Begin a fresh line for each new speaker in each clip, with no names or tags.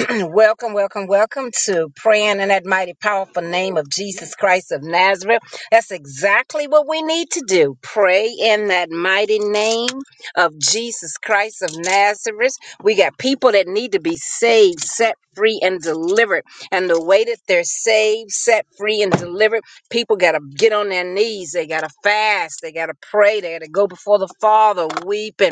welcome, welcome, welcome to praying in that mighty powerful name of Jesus Christ of Nazareth. That's exactly what we need to do. Pray in that mighty name of Jesus Christ of Nazareth. We got people that need to be saved, set free, and delivered. And the way that they're saved, set free, and delivered, people got to get on their knees. They got to fast. They got to pray. They got to go before the Father, weeping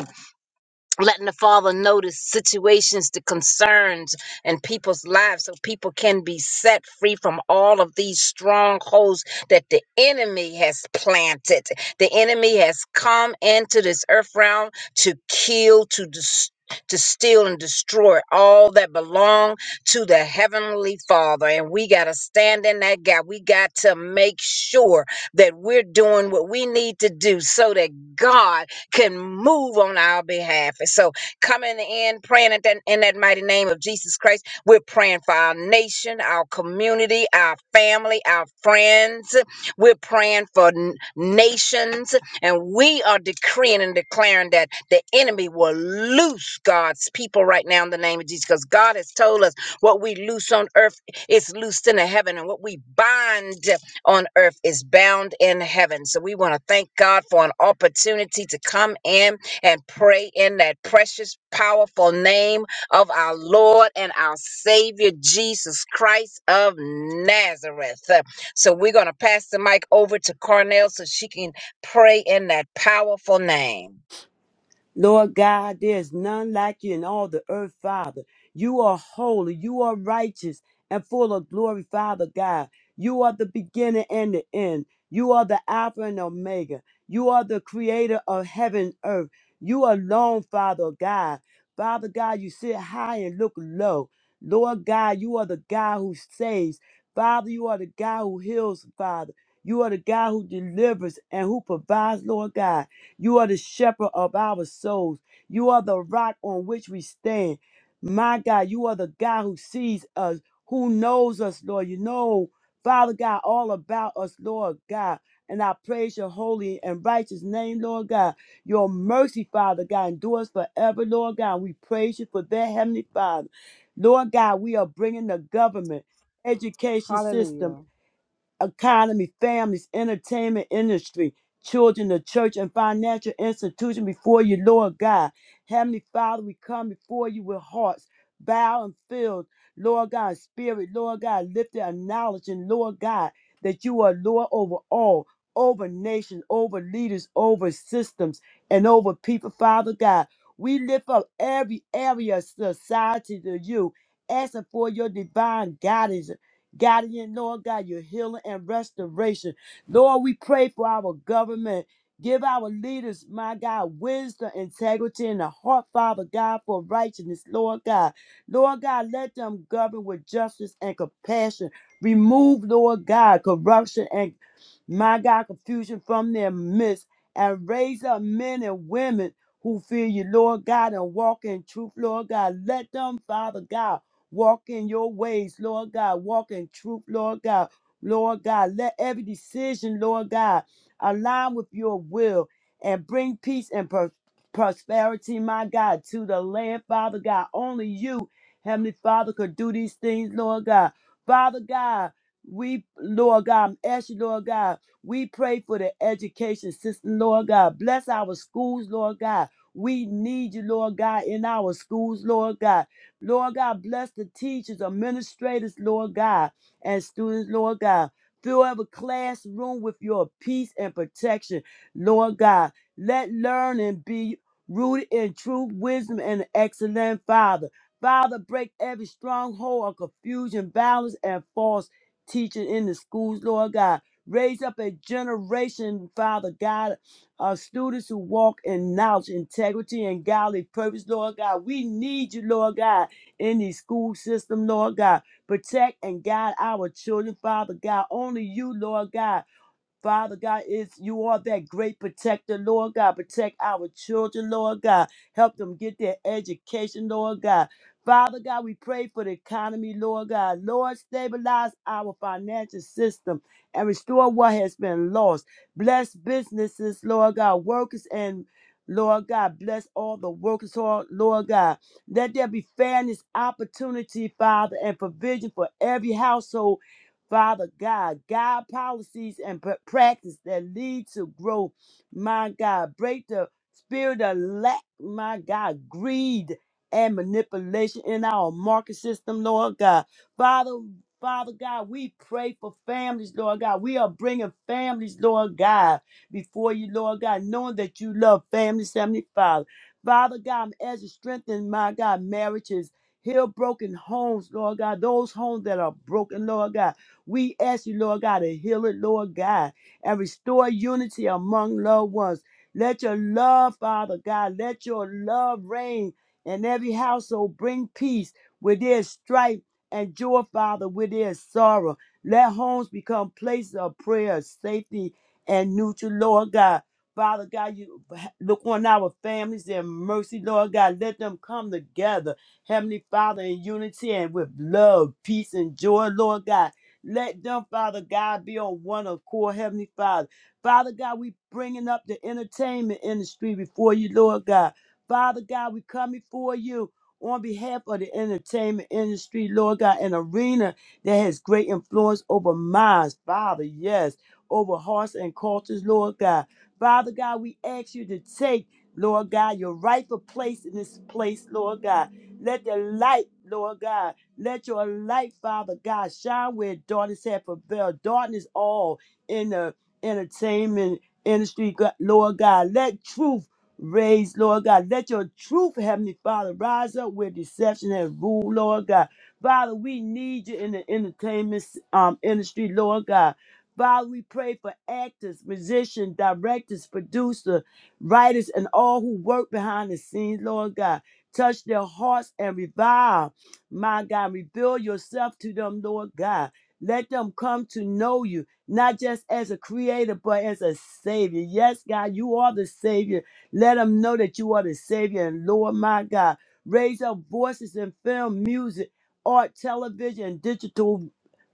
letting the father notice situations the concerns and people's lives so people can be set free from all of these strongholds that the enemy has planted the enemy has come into this earth realm to kill to destroy to steal and destroy all that belong to the heavenly father and we got to stand in that gap we got to make sure that we're doing what we need to do so that god can move on our behalf. And so, coming in, praying at that, in that mighty name of Jesus Christ, we're praying for our nation, our community, our family, our friends. We're praying for n- nations, and we are decreeing and declaring that the enemy will loose God's people right now in the name of Jesus, because God has told us what we loose on earth is loosed in the heaven, and what we bind on earth is bound in heaven. So we want to thank God for an opportunity to come in and pray in that precious, powerful name of our Lord and our Savior, Jesus Christ of Nazareth. Uh, So we're going to pass the mic over to Cornell so she can pray in that powerful name.
Lord God, there is none like you in all the earth, Father. You are holy, you are righteous, and full of glory, Father God. You are the beginning and the end. You are the Alpha and Omega. You are the creator of heaven and earth. You alone, Father God. Father God, you sit high and look low. Lord God, you are the God who saves. Father, you are the God who heals, Father. You are the God who delivers and who provides, Lord God. You are the shepherd of our souls. You are the rock on which we stand. My God, you are the God who sees us, who knows us, Lord. You know, Father God, all about us, Lord God. And I praise your holy and righteous name, Lord God. Your mercy, Father God, endures forever, Lord God. We praise you for that, Heavenly Father. Lord God, we are bringing the government, education system,
Hallelujah.
economy, families, entertainment industry, children, the church, and financial institution before you, Lord God. Heavenly Father, we come before you with hearts bowed and filled, Lord God, spirit, Lord God, lifted, acknowledging, Lord God, that you are Lord over all, over nations, over leaders, over systems, and over people, Father God. We lift up every area of society to you, asking for your divine guidance guardian, Lord God, your healing and restoration. Lord, we pray for our government. Give our leaders, my God, wisdom, integrity, and a heart, Father God, for righteousness, Lord God. Lord God, let them govern with justice and compassion. Remove, Lord God, corruption and, my God, confusion from their midst. And raise up men and women who fear you, Lord God, and walk in truth, Lord God. Let them, Father God, Walk in your ways, Lord God. Walk in truth, Lord God. Lord God, let every decision, Lord God, align with your will and bring peace and per- prosperity, my God, to the land, Father God. Only you, Heavenly Father, could do these things, Lord God. Father God, we, Lord God, ask you, Lord God, we pray for the education system, Lord God. Bless our schools, Lord God. We need you, Lord God, in our schools, Lord God. Lord God, bless the teachers, administrators, Lord God, and students, Lord God. Fill every classroom with your peace and protection, Lord God. Let learning be rooted in true wisdom and excellent, Father. Father, break every stronghold of confusion, violence, and false teaching in the schools, Lord God. Raise up a generation, Father God, of students who walk in knowledge, integrity, and godly purpose, Lord God. We need you, Lord God in the school system, Lord God. Protect and guide our children, Father God. Only you, Lord God, Father God, it's you are that great protector, Lord God. Protect our children, Lord God. Help them get their education, Lord God. Father God, we pray for the economy, Lord God. Lord, stabilize our financial system and restore what has been lost. Bless businesses, Lord God, workers and Lord God, bless all the workers, Lord Lord God. Let there be fairness, opportunity, Father, and provision for every household Father God, guide policies and pr- practice that lead to growth. My God, break the spirit of lack, my God, greed and manipulation in our market system, Lord God. Father, Father God, we pray for families, Lord God. We are bringing families, Lord God, before you, Lord God, knowing that you love families, Heavenly Father. Father God, as you strengthen, my God, marriages, heal broken homes, Lord God, those homes that are broken, Lord God. We ask you, Lord God, to heal it, Lord God, and restore unity among loved ones. Let your love, Father God, let your love reign in every household. Bring peace where there's strife and joy, Father, where there's sorrow. Let homes become places of prayer, safety, and neutral, Lord God. Father God, you look on our families in mercy, Lord God. Let them come together, Heavenly Father, in unity and with love, peace, and joy, Lord God. Let them, Father God, be on one accord, Heavenly Father. Father God, we bringing up the entertainment industry before you, Lord God. Father God, we come before you on behalf of the entertainment industry, Lord God, an arena that has great influence over minds, Father, yes, over hearts and cultures, Lord God. Father God, we ask you to take, Lord God, your rightful place in this place, Lord God. Let the light, Lord God, let your light, Father God, shine where darkness has prevailed. Darkness all in the entertainment industry, God- Lord God. Let truth raise, Lord God. Let your truth, Heavenly Father, rise up where deception has ruled, Lord God. Father, we need you in the entertainment um, industry, Lord God. Father, we pray for actors, musicians, directors, producers, writers, and all who work behind the scenes, Lord God. Touch their hearts and revive. My God, reveal yourself to them, Lord God. Let them come to know you, not just as a creator, but as a savior. Yes, God, you are the savior. Let them know that you are the savior. And Lord, my God, raise up voices in film, music, art, television, digital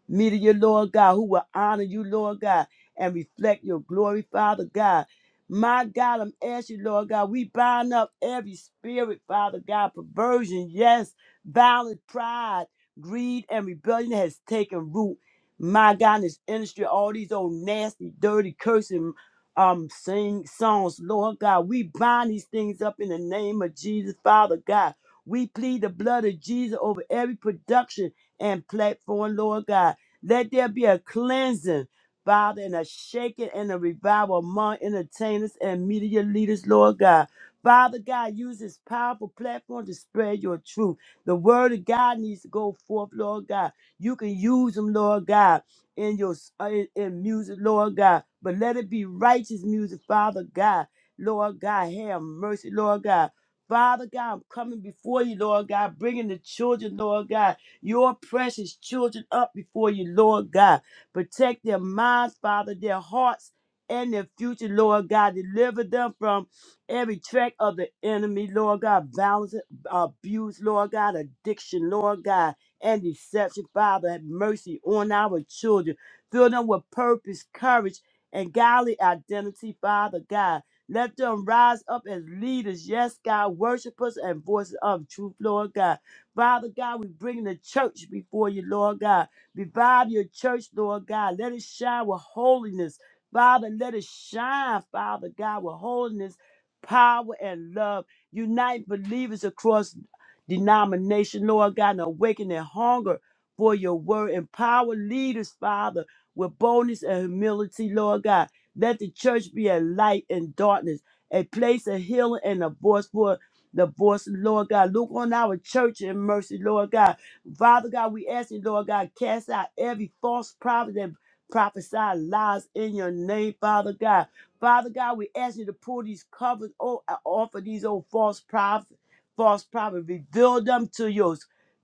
me to you, Lord God, who will honor you, Lord God, and reflect your glory, Father God. My God, I'm asking you, Lord God, we bind up every spirit, Father God, perversion, yes, violent pride, greed, and rebellion that has taken root. My God, in this industry, all these old nasty, dirty, cursing um sing songs, Lord God, we bind these things up in the name of Jesus, Father God. We plead the blood of Jesus over every production and platform, Lord God. Let there be a cleansing, Father, and a shaking and a revival among entertainers and media leaders, Lord God. Father God, use this powerful platform to spread your truth. The word of God needs to go forth, Lord God. You can use them, Lord God, in your uh, in, in music, Lord God. But let it be righteous music, Father God. Lord God, have mercy, Lord God. Father God, I'm coming before you, Lord God, bringing the children, Lord God your precious children up before you, Lord God. Protect their minds, Father, their hearts, and their future, Lord God. Deliver them from every track of the enemy, Lord God. Violence, abuse, Lord God. Addiction, Lord God. And deception, Father. Have mercy on our children. Fill them with purpose, courage, and godly identity, Father God. Let them rise up as leaders, yes, God, worshipers and voices of truth, Lord God. Father God, we bring the church before you, Lord God. Revive your church, Lord God. Let it shine with holiness. Father, let it shine, Father God, with holiness, power, and love. Unite believers across denomination, Lord God, and awaken their hunger for your word. Empower leaders, Father, with boldness and humility, Lord God. Let the church be a light in darkness, a place of healing and a voice for the voice, Lord God. Look on our church in mercy, Lord God. Father God, we ask you, Lord God, cast out every false prophet that prophesy lies in your name, Father God. Father God, we ask you to pull these covers o- off of these old false prophets, false prophets. Reveal them to your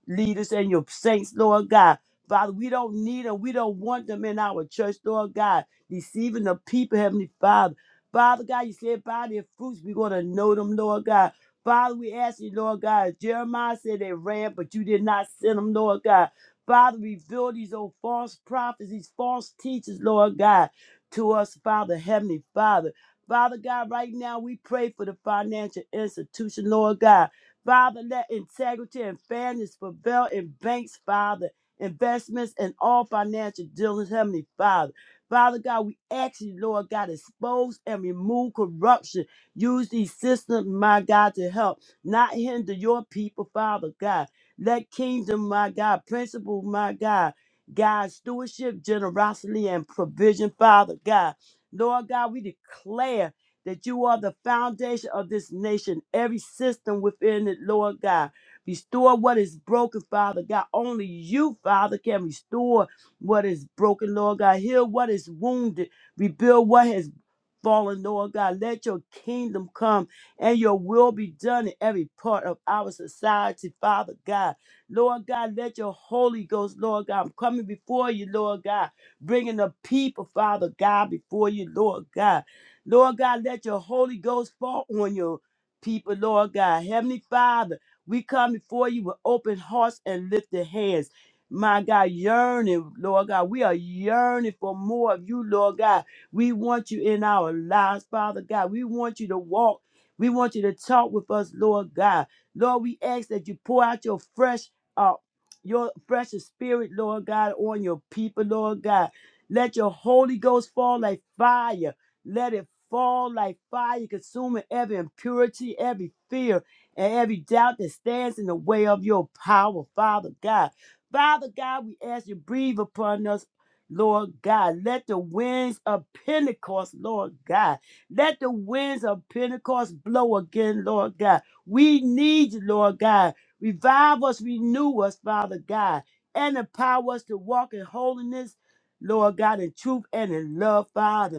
leaders and your saints, Lord God. Father, we don't need them. We don't want them in our church, Lord God. Deceiving the people, Heavenly Father. Father God, you said by their fruits, we're going to know them, Lord God. Father, we ask you, Lord God. Jeremiah said they ran, but you did not send them, Lord God. Father, reveal these old false prophets, these false teachers, Lord God, to us, Father, Heavenly Father. Father God, right now we pray for the financial institution, Lord God. Father, let integrity and fairness prevail in banks, Father, investments, and all financial dealings, Heavenly Father. Father God, we ask you, Lord God, expose and remove corruption Use these systems, my God, to help, not hinder your people, Father God. Let kingdom, my God, principle, my God, God, stewardship, generosity, and provision, Father God. Lord God, we declare that you are the foundation of this nation, every system within it, Lord God. Restore what is broken, Father God. Only you, Father, can restore what is broken, Lord God. Heal what is wounded. Rebuild what has fallen, Lord God. Let your kingdom come and your will be done in every part of our society, Father God. Lord God, let your Holy Ghost, Lord God, I'm coming before you, Lord God, bringing the people, Father God, before you, Lord God. Lord God, let your Holy Ghost fall on your people, Lord God. Heavenly Father, we come before you with open hearts and lifted hands. My God, yearning, Lord God. We are yearning for more of you, Lord God. We want you in our lives, Father God. We want you to walk. We want you to talk with us, Lord God. Lord, we ask that you pour out your fresh, uh, your fresh spirit, Lord God, on your people, Lord God. Let your Holy Ghost fall like fire. Let it fall like fire, consuming every impurity, every fear, and every doubt that stands in the way of your power, Father God. Father God, we ask you breathe upon us Lord God, let the winds of Pentecost, Lord God, let the winds of Pentecost blow again, Lord God. We need you, Lord God. Revive us, renew us, Father God, and empower us to walk in holiness, Lord God, in truth and in love, Father.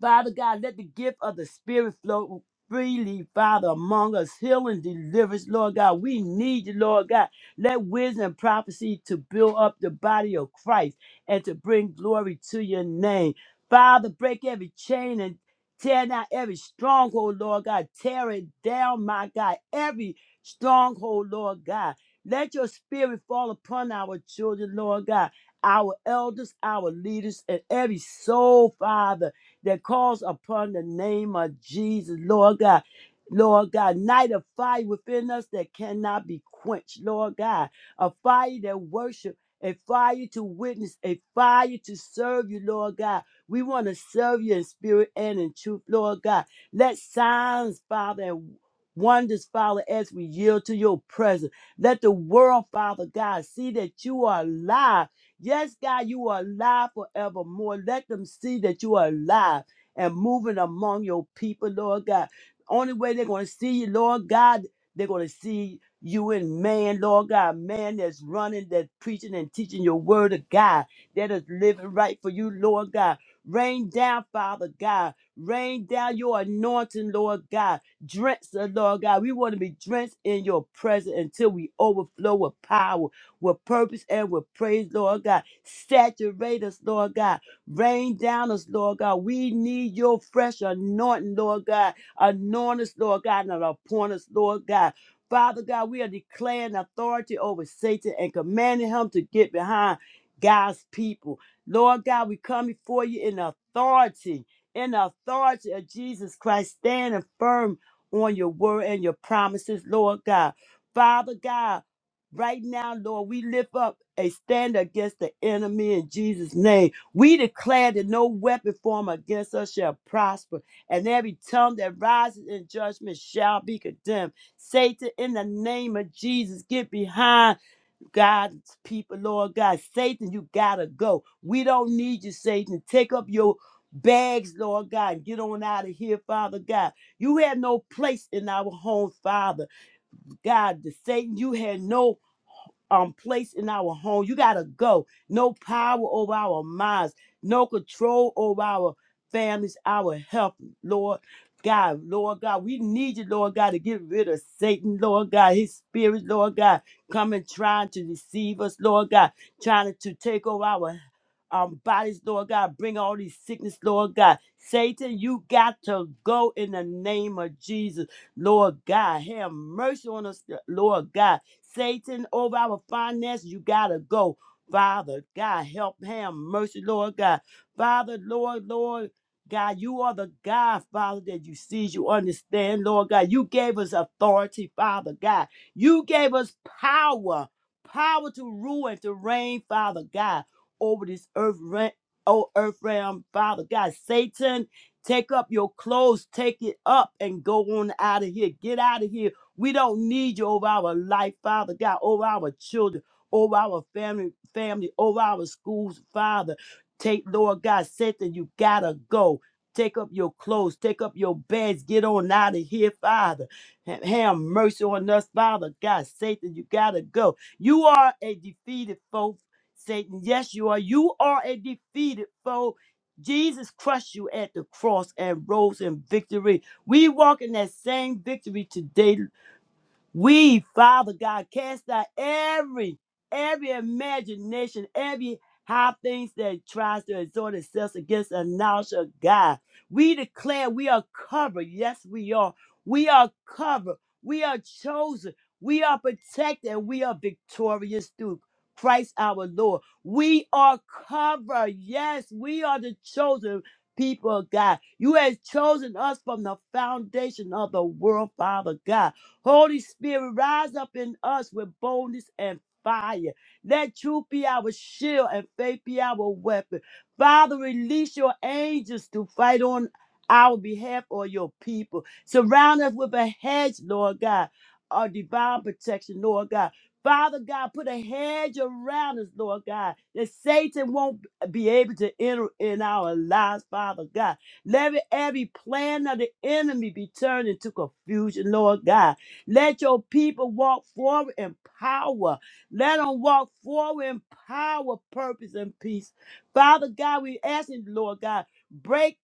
Father God, let the gift of the Spirit flow freely, Father, among us, healing, deliverance, Lord God. We need you, Lord God. Let wisdom and prophecy to build up the body of Christ and to bring glory to your name. Father, break every chain and tear down every stronghold, Lord God. Tear it down, my God. Every stronghold, Lord God. Let your spirit fall upon our children, Lord God, our elders, our leaders, and every soul, Father that calls upon the name of Jesus, Lord God. Lord God, night of fire within us that cannot be quenched, Lord God. A fire that worship, a fire to witness, a fire to serve you, Lord God. We want to serve you in spirit and in truth, Lord God. Let signs, Father, and wonders, Father, as we yield to your presence. Let the world, Father God, see that you are alive Yes, God, you are alive forevermore. Let them see that you are alive and moving among your people, Lord God. Only way they're going to see you, Lord God, they're going to see you in man, Lord God. Man that's running, that's preaching and teaching your word of God, that is living right for you, Lord God. Rain down, Father God. Rain down your anointing, Lord God. Drench us, Lord God. We want to be drenched in your presence until we overflow with power with purpose and with praise, Lord God. Saturate us, Lord God. Rain down us, Lord God. We need your fresh anointing, Lord God. Anoint us, Lord God, and appoint us, Lord God. Father God, we are declaring authority over Satan and commanding him to get behind God's people. Lord God, we come before you in authority, in the authority of Jesus Christ, standing firm on your word and your promises, Lord God. Father God, Right now, Lord, we lift up a stand against the enemy in Jesus' name. We declare that no weapon formed against us shall prosper, and every tongue that rises in judgment shall be condemned. Satan, in the name of Jesus, get behind God's people, Lord God. Satan, you gotta go. We don't need you, Satan. Take up your bags, Lord God. and Get on out of here, Father God. You have no place in our home, Father. God, the Satan, you had no um place in our home. You gotta go. No power over our minds, no control over our families, our health, Lord. God, Lord God, we need you, Lord God, to get rid of Satan, Lord God, his spirit, Lord God, coming trying to deceive us, Lord God, trying to take over our um, bodies, Lord God, bring all these sickness, Lord God. Satan, you got to go in the name of Jesus, Lord God. Have mercy on us, Lord God. Satan over our finances. You gotta go. Father, God, help him. Mercy, Lord God. Father, Lord, Lord. God, you are the God, Father, that you see, you understand, Lord God. You gave us authority, Father God. You gave us power, power to rule and to reign, Father God, over this earth, re- oh, earth realm, Father God. Satan, take up your clothes, take it up, and go on out of here. Get out of here we don't need you over our life, Father God, over our children, over our family, family, over our schools, Father. Take, Lord God, Satan, you gotta go. Take up your clothes, take up your bags, get on out of here, Father. Ha- Have mercy on us, Father God. Satan, you gotta go. You are a defeated foe, Satan. Yes, you are. You are a defeated foe. Jesus crushed you at the cross and rose in victory. We walk in that same victory today, we, Father God, cast out every, every imagination, every high things that tries to exhort itself against the knowledge of God. We declare we are covered. Yes, we are. We are covered. We are chosen. We are protected. and We are victorious through Christ our Lord. We are covered. Yes, we are the chosen people of God. You have chosen us from the foundation of the world, Father God. Holy Spirit, rise up in us with boldness and fire. Let truth be our shield and faith be our weapon. Father, release your angels to fight on our behalf or your people. Surround us with a hedge, Lord God, our divine protection, Lord God. Father God, put a hedge around us, Lord God, that Satan won't be able to enter in our lives, Father God. Let every plan of the enemy be turned into confusion, Lord God. Let your people walk forward in power. Let them walk forward in power, purpose, and peace. Father God, we asking, Lord God, break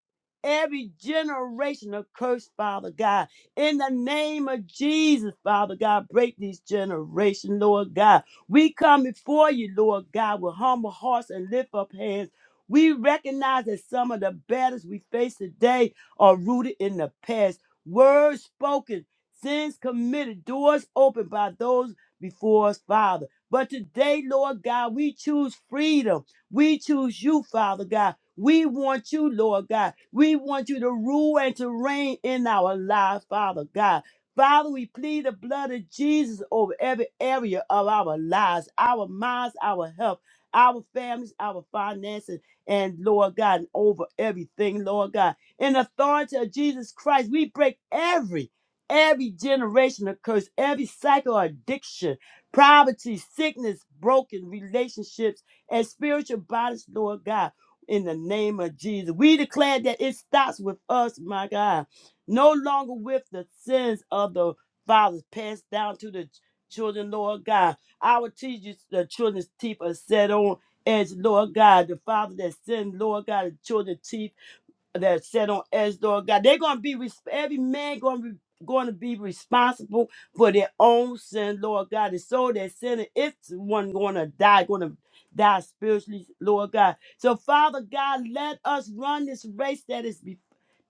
every generational curse, Father God. In the name of Jesus, Father God, break these generation, Lord God. We come before you, Lord God, with humble hearts and lift up hands. We recognize that some of the battles we face today are rooted in the past. Words spoken sins committed, doors opened by those before us, Father. But today, Lord God, we choose freedom. We choose you, Father God. We want you, Lord God. We want you to rule and to reign in our lives, Father God. Father, we plead the blood of Jesus over every area of our lives, our minds, our health, our families, our finances, and Lord God, and over everything, Lord God. In the authority of Jesus Christ, we break every every generational curse, every cycle of addiction, poverty, sickness, broken relationships, and spiritual bodies, Lord God. In the name of Jesus, we declare that it stops with us, my God. No longer with the sins of the fathers passed down to the children, Lord God. Our teachers, the children's teeth are set on edge, Lord God. The father that sinned, Lord God, the children's teeth that set on edge, Lord God. They're gonna be res- every man gonna be going to be responsible for their own sin, Lord God. And so that sinning, it's one gonna die, gonna die spiritually, Lord God. So Father God, let us run this race that is be-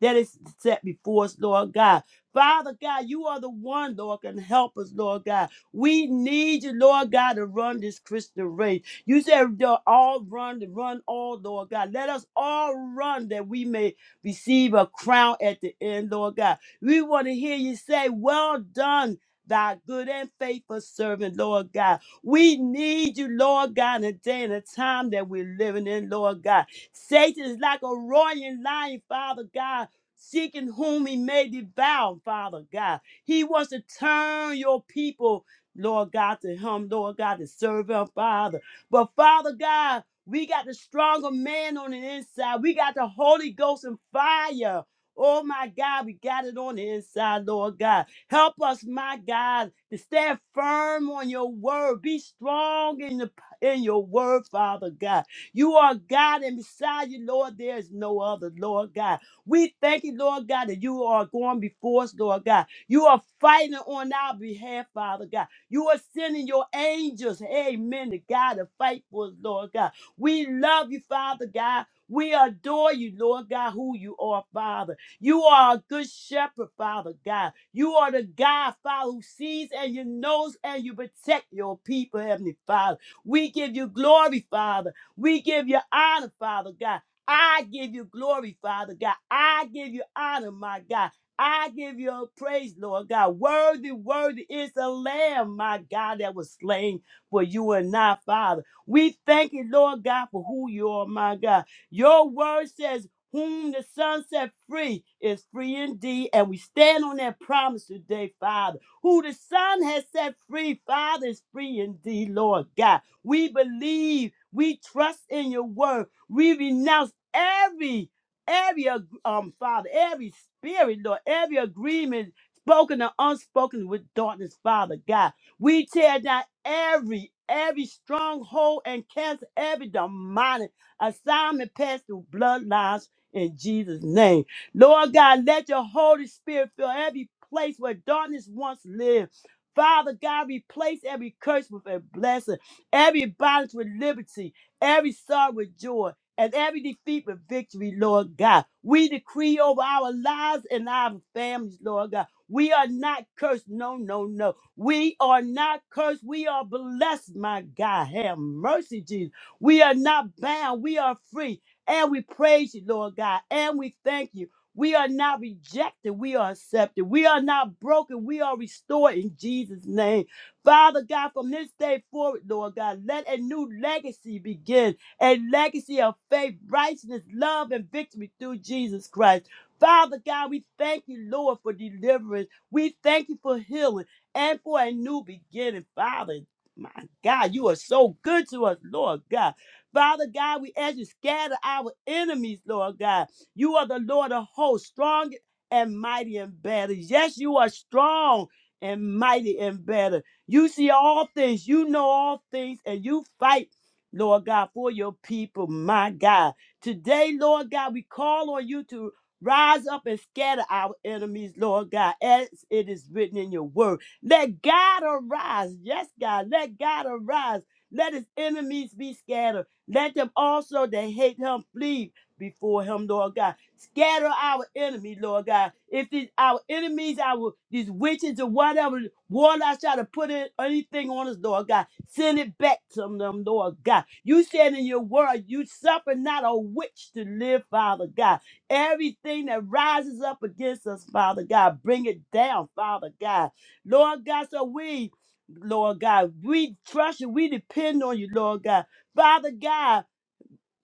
that is set before us, Lord God. Father God, you are the one, Lord, can help us, Lord God. We need you, Lord God, to run this Christian race. You said they'll all run, to run all, Lord God. Let us all run that we may receive a crown at the end, Lord God. We want to hear you say, Well done. Thy good and faithful servant, Lord God. We need you, Lord God, in the day and the time that we're living in, Lord God. Satan is like a roaring lion, Father God, seeking whom he may devour, Father God. He wants to turn your people Lord God, to him, Lord God, to serve him, Father. But Father God, we got the stronger man on the inside. We got the Holy Ghost and fire. Oh my God, we got it on the inside, Lord God. Help us, my God, to stand firm on your word. Be strong in the in your word, Father God. You are God, and beside you, Lord, there is no other, Lord God. We thank you, Lord God, that you are going before us, Lord God. You are fighting on our behalf, Father God. You are sending your angels, amen, to God to fight for us, Lord God. We love you, Father God. We adore you, Lord God, who you are, Father. You are a good shepherd, Father God. You are the God, Father, who sees and you knows and you protect your people, Heavenly Father. We give you glory, Father. We give you honor, Father God. I give you glory, Father God. I give you honor, my God. I give you praise, Lord God. Worthy, worthy is the Lamb, my God, that was slain for you and I, Father. We thank you, Lord God, for who you are, my God. Your word says, Whom the Son set free is free indeed. And we stand on that promise today, Father. Who the Son has set free, Father, is free indeed, Lord God. We believe, we trust in your word. We renounce every, every, ag- um, Father, every spirit, Lord, every agreement spoken or unspoken with darkness, Father God. We tear down every every stronghold and cancel every demonic assignment past the bloodlines in Jesus' name. Lord God, let your Holy Spirit fill every place where darkness once lived. Father God, replace every curse with a blessing, every bondage with liberty, every sorrow with joy, and every defeat with victory, Lord God. We decree over our lives and our families, Lord God. We are not cursed. No, no, no. We are not cursed. We are blessed, my God. Have mercy, Jesus. We are not bound. We are free. And we praise you, Lord God. And we thank you. We are not rejected. We are accepted. We are not broken. We are restored in Jesus' name. Father God, from this day forward, Lord God, let a new legacy begin a legacy of faith, righteousness, love, and victory through Jesus Christ. Father God, we thank you, Lord, for deliverance. We thank you for healing and for a new beginning, Father. My God, you are so good to us, Lord God. Father God, we ask you scatter our enemies, Lord God. You are the Lord of hosts, strong and mighty and better. Yes, you are strong and mighty and better. You see all things, you know all things, and you fight, Lord God, for your people, my God. Today, Lord God, we call on you to rise up and scatter our enemies, Lord God, as it is written in your word. Let God arise. Yes, God. Let God arise. Let his enemies be scattered. Let them also that hate him flee before him, Lord God. Scatter our enemy, Lord God. If these our enemies, our these witches or whatever, warlocks try to put in anything on us, Lord God, send it back to them, Lord God. You said in your word, you suffer not a witch to live, Father God. Everything that rises up against us, Father God, bring it down, Father God. Lord God, so we, Lord God, we trust you. We depend on you, Lord God. Father God,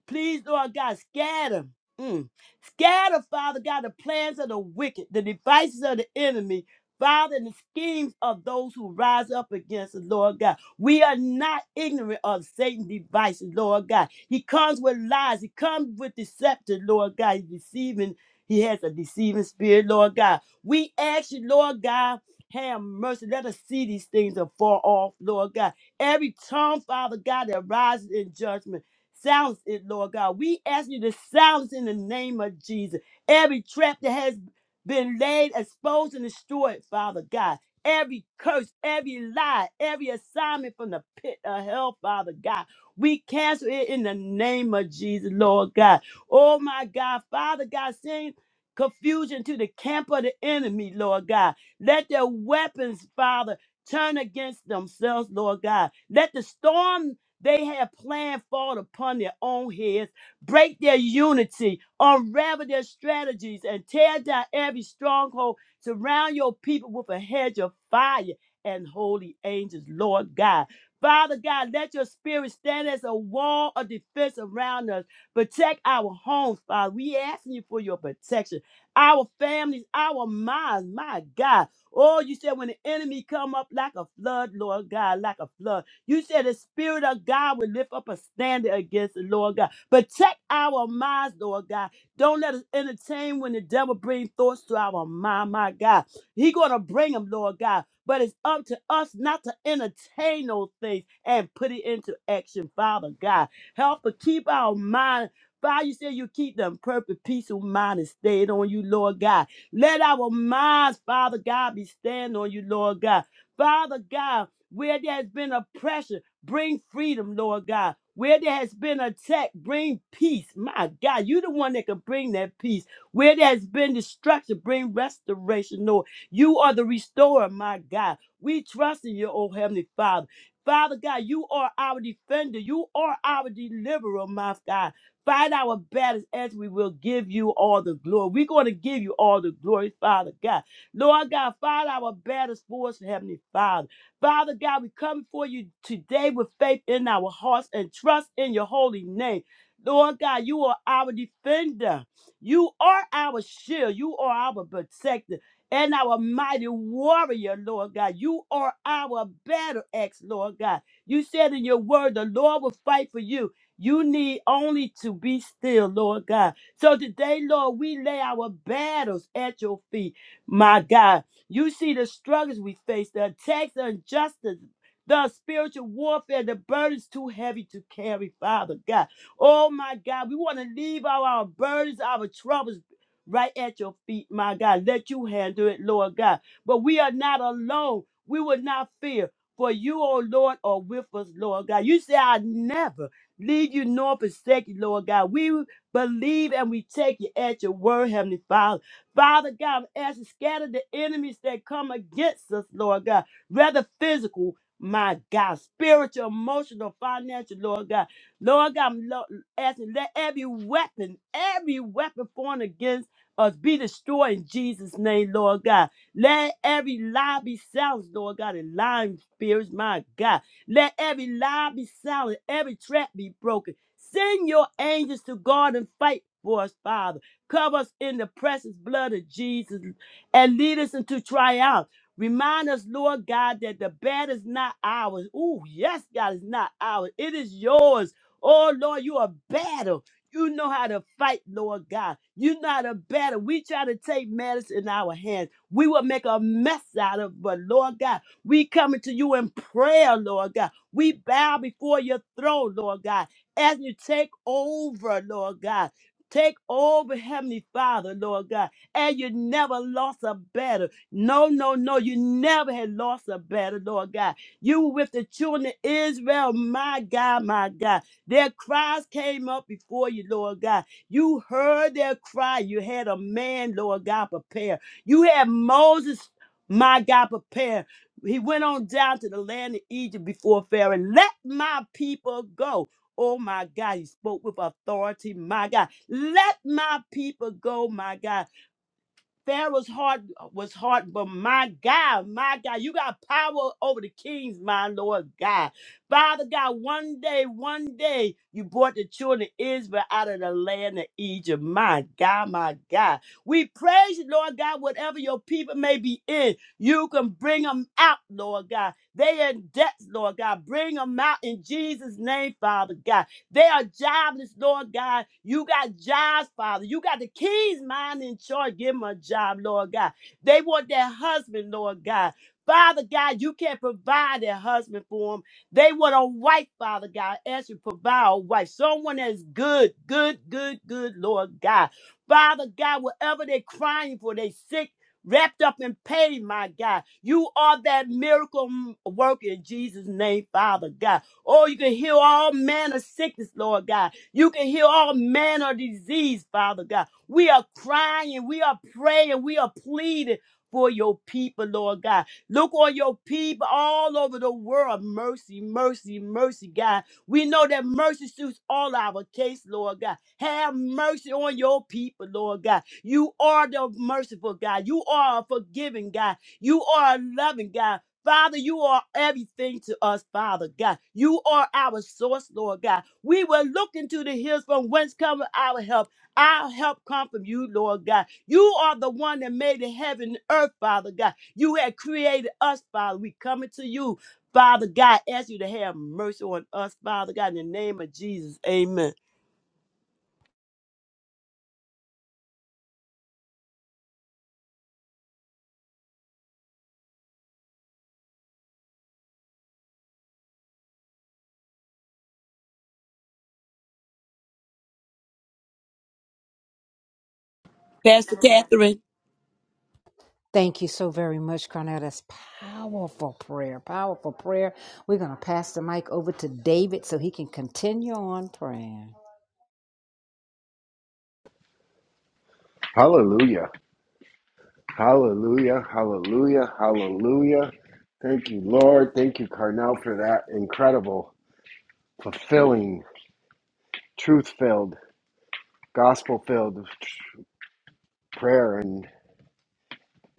Please, Lord God, scatter. Mm. Scatter, Father God, the plans of the wicked, the devices of the enemy, Father, and the schemes of those who rise up against us, Lord God. We are not ignorant of Satan's devices, Lord God. He comes with lies, he comes with deception, Lord God. He's deceiving, he has a deceiving spirit, Lord God. We ask you, Lord God, have mercy. Let us see these things afar off, Lord God. Every tongue, Father God, that rises in judgment. Silence it, Lord God. We ask you to silence in the name of Jesus every trap that has been laid, exposed, and destroyed, Father God. Every curse, every lie, every assignment from the pit of hell, Father God. We cancel it in the name of Jesus, Lord God. Oh my God, Father God, send confusion to the camp of the enemy, Lord God. Let their weapons, Father, turn against themselves, Lord God. Let the storm they have planned fall upon their own heads, break their unity, unravel their strategies, and tear down every stronghold. Surround your people with a hedge of fire and holy angels, Lord God. Father God, let your spirit stand as a wall of defense around us. Protect our homes, Father. We asking you for your protection. Our families, our minds, my God. Oh, you said when the enemy come up like a flood, Lord God, like a flood. You said the Spirit of God will lift up a standard against the Lord God. Protect our minds, Lord God. Don't let us entertain when the devil brings thoughts to our mind, my God. He gonna bring them, Lord God. But it's up to us not to entertain those things and put it into action, Father God. Help us keep our mind. Father, you said you keep them perfect peace of mind and stayed on you, Lord God. Let our minds, Father God, be staying on you, Lord God. Father God, where there has been oppression, bring freedom, Lord God. Where there has been attack, bring peace. My God, you are the one that can bring that peace. Where there has been destruction, bring restoration, Lord. You are the restorer, my God. We trust in you, oh Heavenly Father. Father God, you are our defender. You are our deliverer, my God. Fight our battles as we will give you all the glory. We're going to give you all the glory, Father God. Lord God, fight our battles for us, Heavenly Father. Father God, we come before you today with faith in our hearts and trust in your holy name. Lord God, you are our defender. You are our shield. You are our protector and our mighty warrior, Lord God. You are our battle axe, Lord God. You said in your word, the Lord will fight for you. You need only to be still, Lord God. So today, Lord, we lay our battles at your feet, my God. You see the struggles we face, the attacks, the injustice, the spiritual warfare, the burdens too heavy to carry, Father God. Oh my God, we want to leave all our burdens, our troubles right at your feet, my God. Let you handle it, Lord God. But we are not alone. We will not fear. For you, oh Lord, are with us, Lord God. You say, I never leave you nor forsake you, Lord God. We believe and we take you at your word, Heavenly Father. Father God, I'm asking, scatter the enemies that come against us, Lord God, whether physical, my God, spiritual, emotional, financial, Lord God. Lord God, I'm lo- asking, let every weapon, every weapon formed against us be destroyed in Jesus' name, Lord God. Let every lie be silenced, Lord God, and lying spirits, my God. Let every lie be silenced, every trap be broken. Send your angels to guard and fight for us, Father. Cover us in the precious blood of Jesus and lead us into triumph. Remind us, Lord God, that the bed is not ours. Ooh, yes, God, it's not ours. It is yours. Oh, Lord, you are battle. You know how to fight, Lord God. You know how to battle. We try to take matters in our hands. We will make a mess out of it, but Lord God, we coming to you in prayer, Lord God. We bow before your throne, Lord God, as you take over, Lord God. Take over, Heavenly Father, Lord God. And you never lost a battle. No, no, no. You never had lost a battle, Lord God. You were with the children of Israel, my God, my God. Their cries came up before you, Lord God. You heard their cry. You had a man, Lord God, prepare. You had Moses, my God, prepare. He went on down to the land of Egypt before Pharaoh. Let my people go. Oh my God, he spoke with authority, my God. Let my people go, my God. Pharaoh's heart was hard, but my God, my God, you got power over the kings, my Lord God. Father God, one day, one day, you brought the children of Israel out of the land of Egypt. My God, my God. We praise you, Lord God, whatever your people may be in, you can bring them out, Lord God. They in debts, Lord God. Bring them out in Jesus' name, Father God. They are jobless, Lord God. You got jobs, Father. You got the keys, mine in charge. Give them a job, Lord God. They want their husband, Lord God. Father God, you can't provide their husband for them. They want a wife, Father God. As you provide a wife, someone that's good, good, good, good, Lord God. Father God, whatever they're crying for, they sick, wrapped up in pain, my God. You are that miracle m- worker in Jesus' name, Father God. Oh, you can heal all manner of sickness, Lord God. You can heal all manner of disease, Father God. We are crying, we are praying, we are pleading for your people, Lord God. Look on your people all over the world. Mercy, mercy, mercy, God. We know that mercy suits all our case, Lord God. Have mercy on your people, Lord God. You are the merciful God. You are a forgiving God. You are a loving God. Father, you are everything to us, Father God. You are our source, Lord God. We will look into the hills from whence cometh our help. Our help come from you, Lord God. You are the one that made the heaven and earth, Father God. You had created us, Father. We coming to you, Father God. Ask you to have mercy on us, Father God, in the name of Jesus. Amen. Pastor Catherine.
Thank you so very much, Carnell. That's powerful prayer. Powerful prayer. We're going to pass the mic over to David so he can continue on praying.
Hallelujah. Hallelujah. Hallelujah. Hallelujah. Thank you, Lord. Thank you, Carnell, for that incredible, fulfilling, truth filled, gospel filled prayer and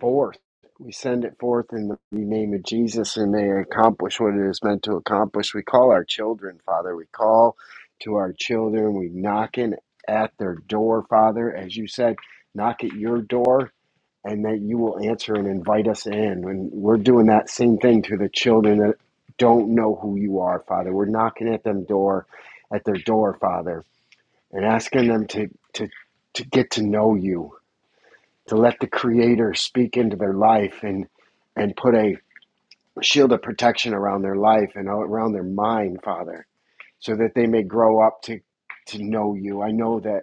forth. We send it forth in the name of Jesus and may it accomplish what it is meant to accomplish. We call our children, Father. We call to our children. We knocking at their door, Father. As you said, knock at your door and that you will answer and invite us in. And we're doing that same thing to the children that don't know who you are, Father. We're knocking at them door, at their door, Father, and asking them to to to get to know you, to let the Creator speak into their life and and put a shield of protection around their life and around their mind, Father, so that they may grow up to to know you. I know that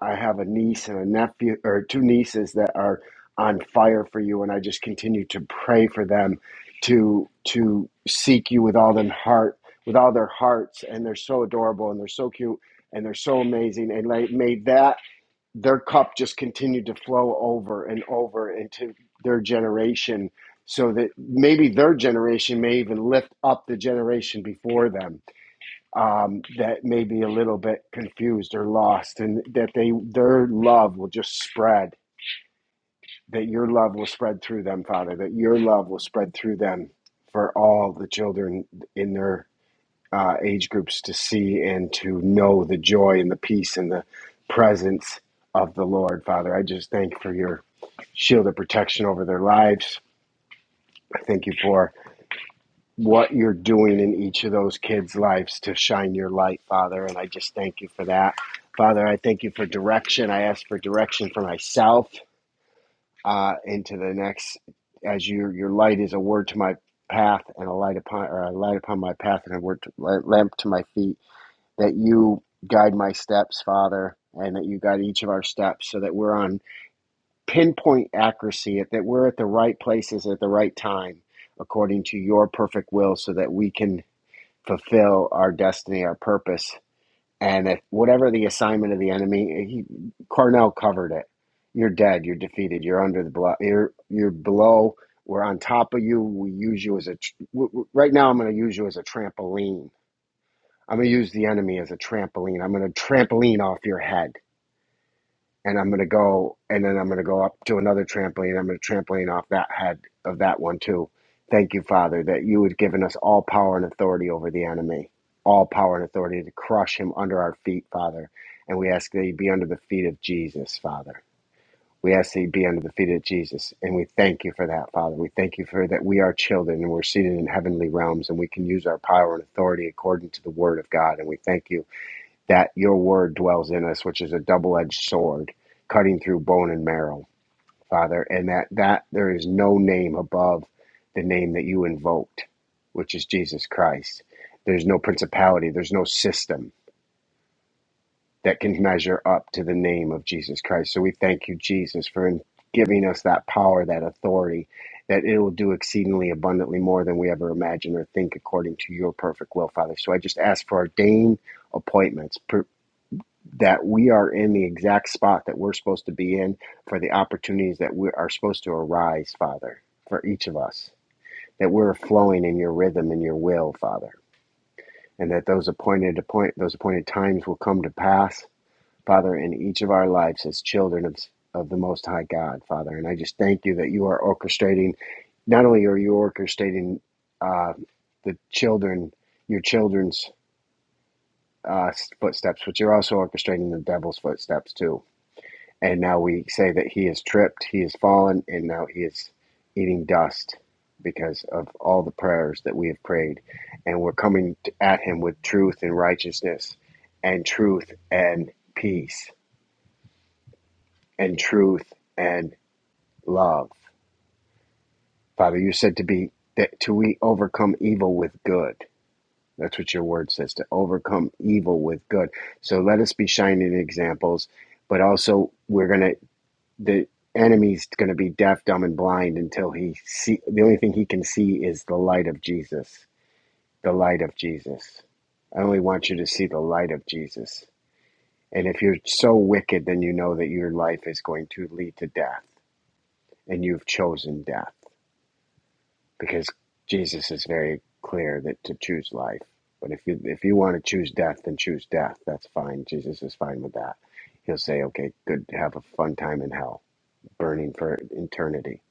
I have a niece and a nephew, or two nieces that are on fire for you, and I just continue to pray for them to to seek you with all their heart, with all their hearts, and they're so adorable and they're so cute and they're so amazing, and like may that their cup just continue to flow over and over into their generation, so that maybe their generation may even lift up the generation before them um, that may be a little bit confused or lost, and that they their love will just spread. That your love will spread through them, Father. That your love will spread through them for all the children in their uh, age groups to see and to know the joy and the peace and the presence of the Lord, Father. I just thank you for your shield of protection over their lives. I thank you for what you're doing in each of those kids' lives to shine your light, Father. And I just thank you for that. Father, I thank you for direction. I ask for direction for myself uh, into the next, as your your light is a word to my path and a light upon, or a light upon my path and a word to, lamp to my feet. That you guide my steps, Father, and that you guide each of our steps, so that we're on pinpoint accuracy, that we're at the right places at the right time, according to your perfect will, so that we can fulfill our destiny, our purpose. And if whatever the assignment of the enemy, he, Cornell covered it. You're dead. You're defeated. You're under the blow. You're you're below. We're on top of you. We use you as a. Right now, I'm going to use you as a trampoline. I'm going to use the enemy as a trampoline. I'm going to trampoline off your head and I'm gonna go, and then I'm gonna go up to another trampoline. I'm gonna trampoline off that head of that one too. Thank you, Father, that you had given us all power and authority over the enemy, all power and authority to crush him under our feet, Father. And we ask that he be under the feet of Jesus, Father. We ask that he be under the feet of Jesus, and we thank you for that, Father. We thank you for that we are children and we're seated in heavenly realms, and we can use our power and authority according to the Word of God. And we thank you that your word dwells in us, which is a double edged sword, cutting through bone and marrow, Father, and that, that there is no name above the name that you invoked, which is Jesus Christ. There's no principality, there's no system that can measure up to the name of Jesus Christ. So we thank you, Jesus, for in- giving us that power, that authority, that it will do exceedingly abundantly more than we ever imagine or think according to your perfect will, Father. So I just ask for ordained appointments, that we are in the exact spot that we're supposed to be in for the opportunities that we are supposed to arise, Father, for each of us. That we're flowing in your rhythm and your will, Father, and that those appointed appoint those appointed times will come to pass, Father, in each of our lives as children of of the Most High God, Father. And I just thank you that you are orchestrating. Not only are you orchestrating uh, the children, your children's uh, footsteps, but you're also orchestrating the devil's footsteps too And now we say that he is tripped, he is fallen, and now he is eating dust because of all the prayers that we have prayed. And we're coming at him with truth and righteousness, and truth and peace, and truth and love. Father, you said to be that to we overcome evil with good. That's what your word says to overcome evil with good. So let us be shining examples, but also we're going to the enemy's going to be deaf, dumb, and blind until he see. The only thing he can see is the light of Jesus. The light of Jesus. I only want you to see the light of Jesus. And if you're so wicked, then you know that your life is going to lead to death, and you've chosen death because Jesus is very clear that to choose life. But if you if you want to choose death, then choose death. That's fine. Jesus is fine with that. He'll say, "Okay, good. Have a fun time in hell, burning for eternity."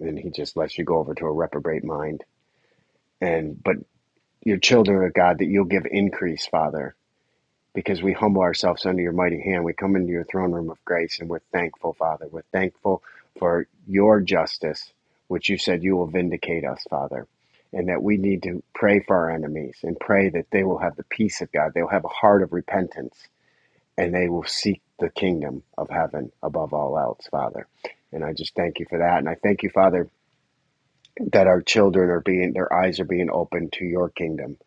and he just lets you go over to a reprobate mind and but your children are god that you'll give increase father because we humble ourselves under your mighty hand we come into your throne room of grace and we're thankful father we're thankful for your justice which you said you will vindicate us father and that we need to pray for our enemies and pray that they will have the peace of god they'll have a heart of repentance and they will seek the kingdom of heaven above all else father and i just thank you for that and i thank you father that our children are being their eyes are being opened to your kingdom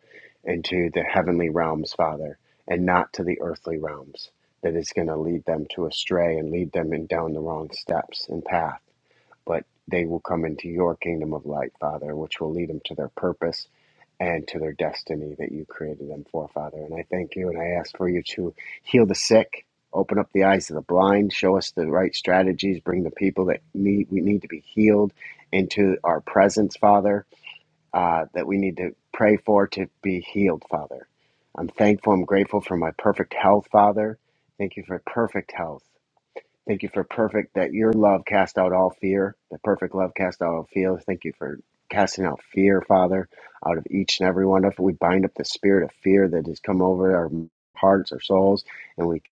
and to the heavenly realms father and not to the earthly realms that is going to lead them to astray and lead them in down the wrong steps and path but they will come into your kingdom of light father which will lead them to their purpose and to their destiny that you created them for, Father. And I thank you and I ask for you to heal the sick, open up the eyes of the blind, show us the right strategies, bring the people that need we need to be healed into our presence, Father, uh, that we need to pray for to be healed, Father. I'm thankful, I'm grateful for my perfect health, Father. Thank you for perfect health. Thank you for perfect that your love cast out all fear. The perfect love cast out all fear. Thank you for casting out fear, Father, out of each and every one of us. We bind up the spirit of fear that has come over our hearts, our souls, and we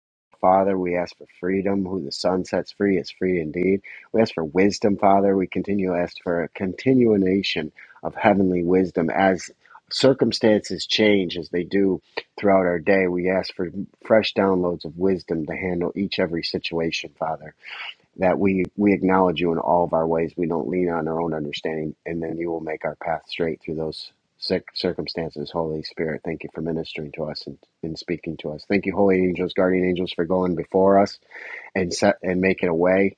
Father, we ask for freedom. Who the Son sets free is free indeed. We ask for wisdom, Father. We continue to ask for a continuation of heavenly wisdom as circumstances change as they do throughout our day. We ask for fresh downloads of wisdom to handle each every situation, Father. That we we acknowledge you in all of our ways. We don't lean on our own understanding, and then you will make our path straight through those cir- circumstances. Holy Spirit, thank you for ministering to us and, and speaking to us. Thank you, holy angels, guardian angels, for going before us and set and making a way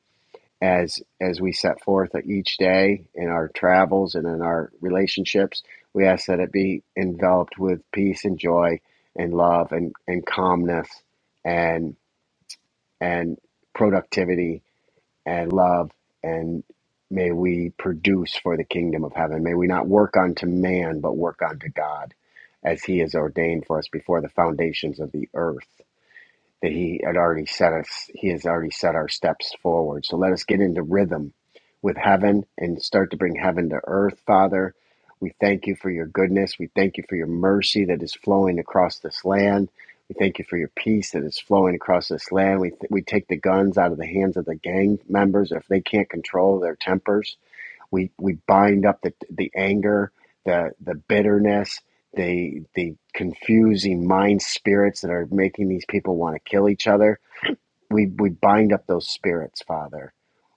as as we set forth each day in our travels and in our relationships we ask that it be enveloped with peace and joy and love and and calmness and and productivity and love and may we produce for the kingdom of heaven may we not work unto man but work unto god as he has ordained for us before the foundations of the earth that he had already set us he has already set our steps forward so let us get into rhythm with heaven and start to bring heaven to earth father we thank you for your goodness we thank you for your mercy that is flowing across this land we thank you for your peace that is flowing across this land we, th- we take the guns out of the hands of the gang members if they can't control their tempers we we bind up the the anger, the the bitterness, the the confusing mind spirits that are making these people want to kill each other. We we bind up those spirits, Father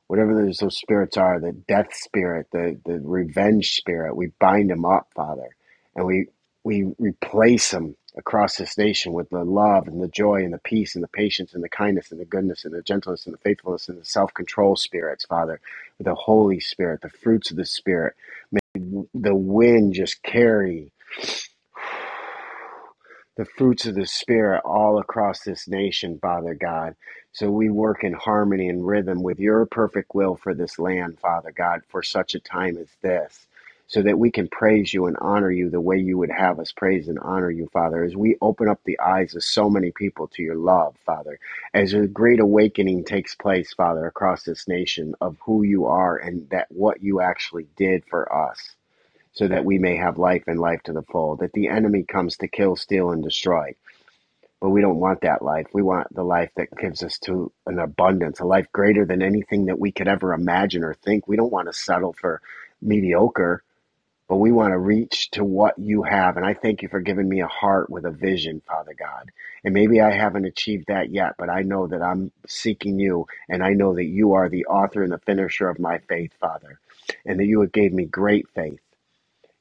whatever those, those spirits are the death spirit the, the revenge spirit we bind them up father and we we replace them across this nation with the love and the joy and the peace and the patience and the kindness and the goodness and the gentleness and the faithfulness and the self-control spirits father the holy spirit the fruits of the spirit May the wind just carry the fruits of the Spirit all across this nation, Father God. So we work in harmony and rhythm with your perfect will for this land, Father God, for such a time as this, so that we can praise you and honor you the way you would have us praise and honor you, Father, as we open up the eyes of so many people to your love, Father, as a great awakening takes place, Father, across this nation of who you are and that what you actually did for us so that we may have life and life to the full. That the enemy comes to kill, steal, and destroy. But we don't want that life. We want the life that gives us to an abundance, a life greater than anything that we could ever imagine or think. We don't want to settle for mediocre, but we want to reach to what you have. And I thank you for giving me a heart with a vision, Father God. And maybe I haven't achieved that yet, but I know that I'm seeking you and I know that you are the author and the finisher of my faith, Father, and that you have gave me great faith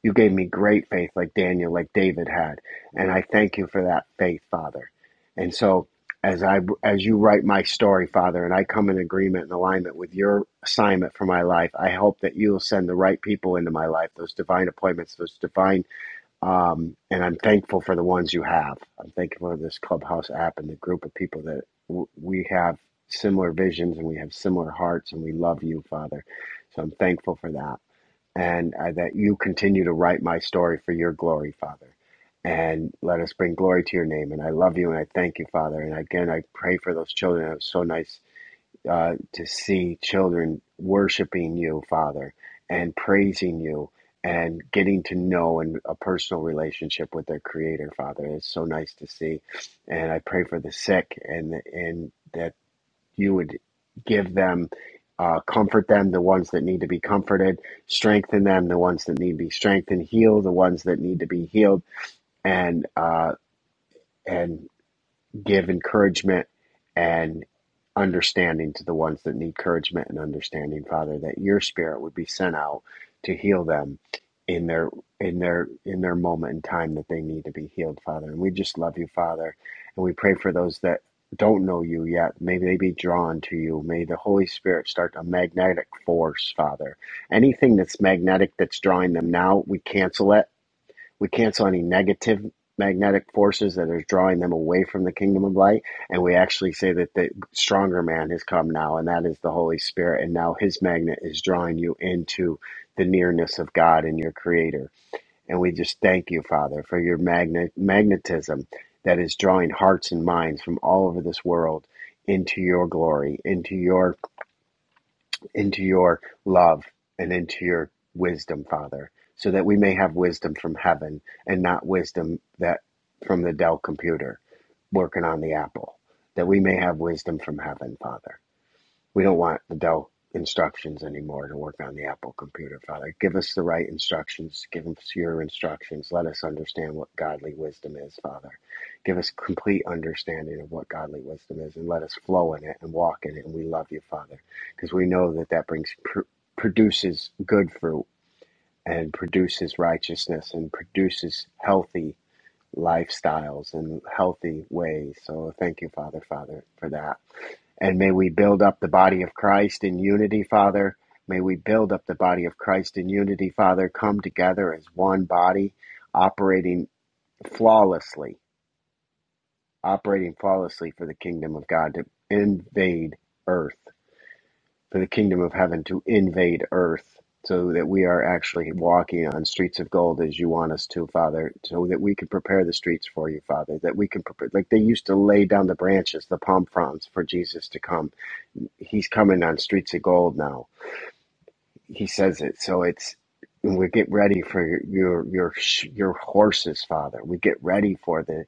you gave me great faith, like Daniel, like David had, and I thank you for that faith, Father. And so, as I as you write my story, Father, and I come in agreement and alignment with your assignment for my life, I hope that you'll send the right people into my life, those divine appointments, those divine. Um, and I'm thankful for the ones you have. I'm thankful for this clubhouse app and the group of people that w- we have similar visions and we have similar hearts and we love you, Father. So I'm thankful for that and uh, that you continue to write my story for your glory, Father. And let us bring glory to your name. And I love you and I thank you, Father. And again, I pray for those children. It was so nice uh, to see children worshiping you, Father, and praising you and getting to know and a personal relationship with their creator father it's so nice to see and i pray for the sick and and that you would give them, uh, comfort them, the ones that need to be comforted, strengthen them, the ones that need to be strengthened, heal the ones that need to be healed, and uh, and give encouragement and understanding to the ones that need encouragement and understanding, Father, that your spirit would be sent out to heal them in their in their in their moment in time that they need to be healed, Father. And we just love you, Father. And we pray for those that don't know you yet. May they be drawn to you. May the Holy Spirit start a magnetic force, Father. Anything that's magnetic that's drawing them now, we cancel it we cancel any negative magnetic forces that are drawing them away from the kingdom of light. And we actually say that the stronger man has come now, and that is the Holy Spirit. And now his magnet is drawing you into the nearness of God and your creator. And we just thank you, Father, for your magnet magnetism that is drawing hearts and minds from all over this world into your glory, into your into your love and into your wisdom, Father, so that we may have wisdom from heaven and not wisdom that from the Dell computer working on the Apple, that we may have wisdom from heaven, Father. We don't want adult instructions anymore to work on the Apple computer, Father. Give us the right instructions. Give us your instructions. Let us understand what godly wisdom is, Father. Give us complete understanding of what godly wisdom is and let us flow in it and walk in it. And we love you, Father, because we know that that brings, pr- produces good fruit and produces righteousness and produces healthy lifestyles and healthy ways. So thank you, Father, Father, for that. And may we build up the body of Christ in unity, Father. May we build up the body of Christ in unity, Father. Come together as one body, operating flawlessly, operating flawlessly for the kingdom of God to invade earth, for the kingdom of heaven to invade earth, so that we are actually walking on streets of gold as you want us to, Father, so that we can prepare the streets for you, Father, that we can prepare, like they used to lay down the branches, the palm fronds for Jesus to come he's coming on Streets of Gold now. He says it, so it's we get ready for your your your, sh- your horses, Father. We get ready for the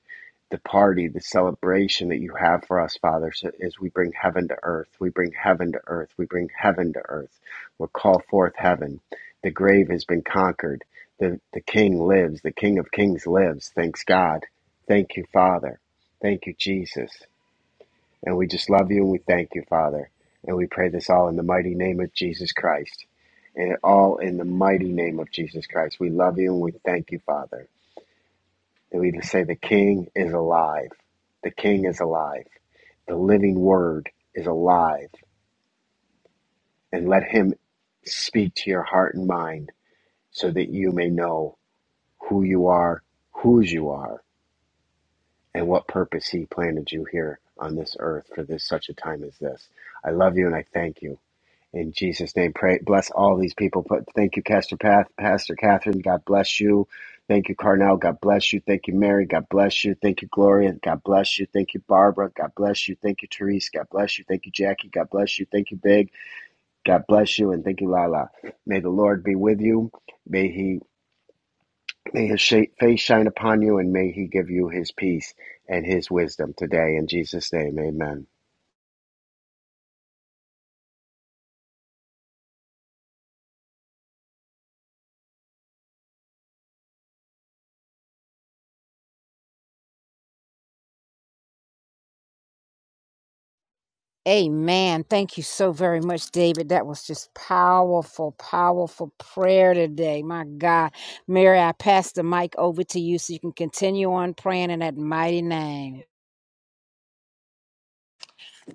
the party, the celebration that you have for us, Father. So as we bring heaven to earth, we bring heaven to earth, we bring heaven to earth. We'll call forth heaven. The grave has been conquered. The the King lives. The King of Kings lives. Thanks God. Thank you, Father. Thank you, Jesus. And we just love you and we thank you, Father. And we pray this all in the mighty name of Jesus Christ. And all in the mighty name of Jesus Christ. We love you and we thank you, Father. And we say the King is alive. The King is alive. The living word is alive. And let him speak to your heart and mind so that you may know who you are, whose you are, and what purpose he planted you here on this earth for this such a time as this. I love you and I thank you. In Jesus' name, pray. Bless all these people. Put, thank you, Pastor Path, Pastor Catherine. God bless you. Thank you, Carnell. God bless you. Thank you, Mary. God bless you. Thank you, Gloria. God bless you. Thank you, Barbara. God bless you. Thank you, Therese. God bless you. Thank you, Jackie. God bless you. Thank you, Big. God bless you. And thank you, Lala. May the Lord be with you. May he may his sh- face shine upon you, and may he give you his peace and his wisdom today. In Jesus' name, Amen.
Amen. Thank you so very much, David. That was just powerful, powerful prayer today. My God. Mary, I pass the mic over to you so you can continue on praying in that mighty name.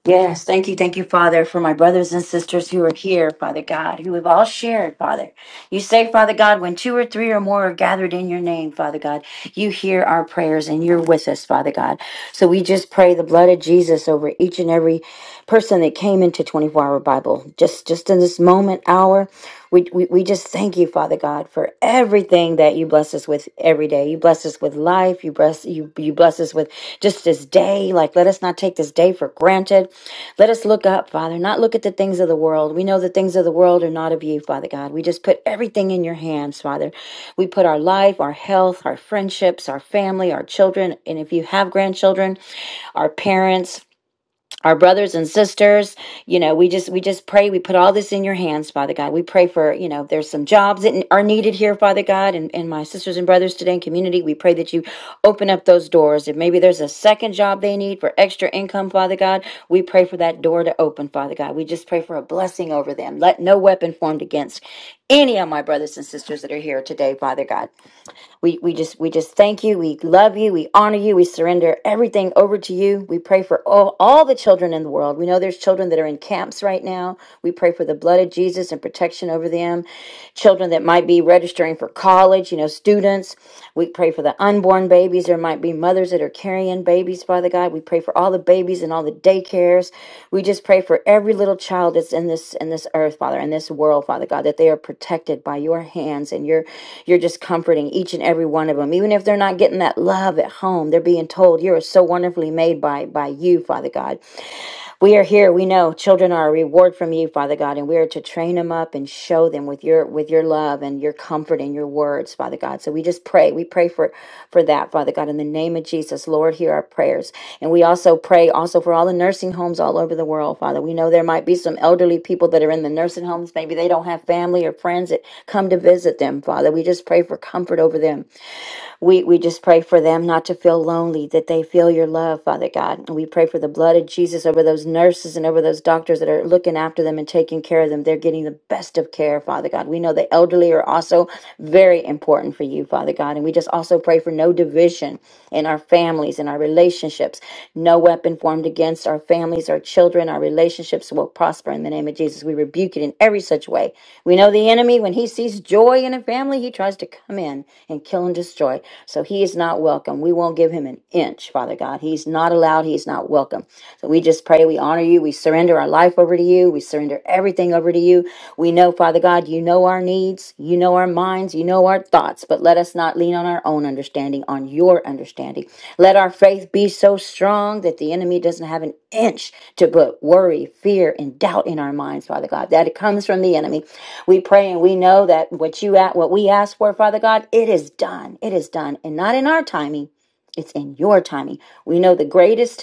Yes, thank you, thank you, Father, for my brothers and sisters who are here, Father God, who have all shared, Father. You say, Father God, when two or three or more are gathered in your name, Father God, you hear our prayers and you're with us, Father God. So we just pray the blood of Jesus over each and every person that came into 24 hour Bible. Just just in this moment, hour, we, we, we just thank you, Father God, for everything that you bless us with every day. You bless us with life. You bless you you bless us with just this day. Like let us not take this day for granted. Let us look up, Father, not look at the things of the world. We know the things of the world are not of you, Father God. We just put everything in your hands, Father. We put our life, our health, our friendships, our family, our children, and if you have grandchildren, our parents, our brothers and sisters you know we just we just pray we put all this in your hands father god we pray for you know there's some jobs that are needed here father god and, and my sisters and brothers today in community we pray that you open up those doors if maybe there's a second job they need for extra income father god we pray for that door to open father god we just pray for a blessing over them let no weapon formed against any of my brothers and sisters that are here today father god we we just we just thank you. We love you. We honor you. We surrender everything over to you. We pray for all, all the children in the world. We know there's children that are in camps right now. We pray for the blood of Jesus and protection over them. Children that might be registering for college, you know, students. We pray for the unborn babies. There might be mothers that are are carrying babies, Father God. We pray for all the babies and all the daycares. We just pray for every little child that's in this in this earth, Father, in this world, Father God, that they are protected by your hands and You're you're just comforting each and every one of them. Even if they're not getting that love at home, they're being told you are so wonderfully made by by you, Father God. We are here. We know children are a reward from you, Father God, and we are to train them up and show them with your with your love and your comfort and your words, Father God. So we just pray. We pray for for that, Father God, in the name of Jesus, Lord, hear our prayers. And we also pray also for all the nursing homes all over the world, Father. We know there might be some elderly people that are in the nursing homes. Maybe they don't have family or friends that come to visit them, Father. We just pray for comfort over them. We we just pray for them not to feel lonely, that they feel your love, Father God. And we pray for the blood of Jesus over those nurses and over those doctors that are looking after them and taking care of them. They're getting the best of care, Father God. We know the elderly are also very important for you, Father God. And we just also pray for no division in our families, in our relationships, no weapon formed against our families families, our children, our relationships will prosper in the name of Jesus. We rebuke it in every such way. We know the enemy, when he sees joy in a family, he tries to come in and kill and destroy. So he is not welcome. We won't give him an inch, Father God. He's not allowed. He's not welcome. So we just pray. We honor you. We surrender our life over to you. We surrender everything over to you. We know, Father God, you know know our needs, you know our minds, you know our thoughts, but let us not lean on our own understanding, on your understanding. Let our faith be so strong that the enemy doesn't have an inch to put worry, fear, and doubt in our minds, Father God. That it comes from the enemy. We pray and we know that what you at what we ask for, Father God, it is done. It is done. And not in our timing. It's in your timing. We know the greatest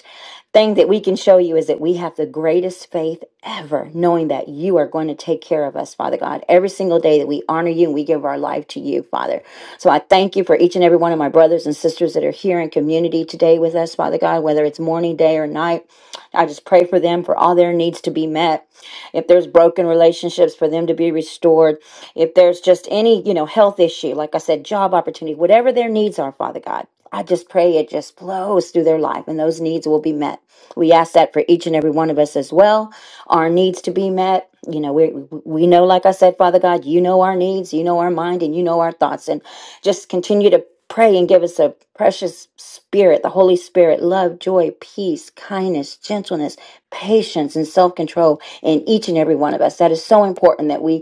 thing that we can show you is that we have the greatest faith ever, knowing that you are going to take care of us, Father God, every single day that we honor you and we give our life to you, Father. So I thank you for each and every one of my brothers and sisters that are here in community today with us, Father God, whether it's morning, day, or night. I just pray for them for all their needs to be met. If there's broken relationships, for them to be restored. If there's just any, you know, health issue, like I said, job opportunity, whatever their needs are, Father God. I just pray it just flows through their life and those needs will be met. We ask that for each and every one of us as well. Our needs to be met. You know, we we know, like I said, Father God, you know our needs, you know our mind, and you know our thoughts. And just continue to pray and give us a precious spirit, the Holy Spirit, love, joy, peace, kindness, gentleness, patience, and self control in each and every one of us. That is so important that we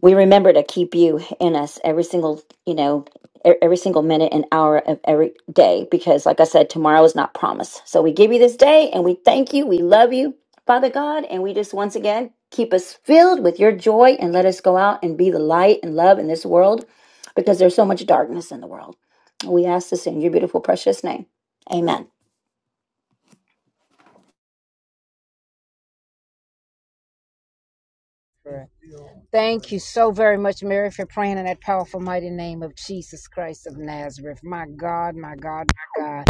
we remember to keep you in us every single you know e- every single minute and hour of every day because like i said tomorrow is not promised so we give you this day and we thank you we love you father god and we just once again keep us filled with your joy and let us go out and be the light and love in this world because there's so much darkness in the world we ask this in your beautiful precious name amen
Prayer. Thank you so very much, Mary, for praying in that powerful, mighty name of Jesus Christ of Nazareth. My God, my God, my God.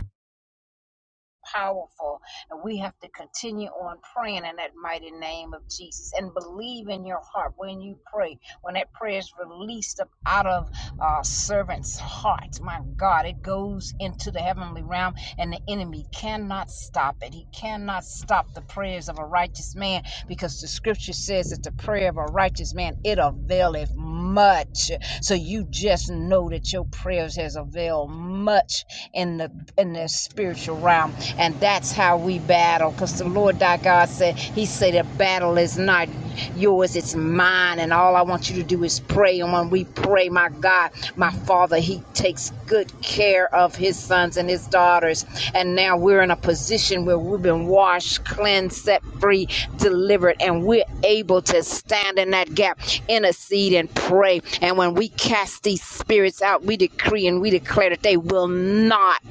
powerful. And we have to continue on praying in that mighty name of Jesus and believe in your heart when you pray. When that prayer is released up out of our servant's heart, my God, it goes into the heavenly realm and the enemy cannot stop it. He cannot stop the prayers of a righteous man because the scripture says that the prayer of a righteous man, it availeth much. So you just know that your prayers has availed much in the in the spiritual realm and that's how we battle. Because the Lord thy God said, He said, the battle is not yours, it's mine. And all I want you to do is pray. And when we pray, my God, my Father, He takes good care of His sons and His daughters. And now we're in a position where we've been washed, cleansed, set free, delivered, and we're able to stand in that gap, intercede, and pray. And when we cast these spirits out, we decree and we declare that they will not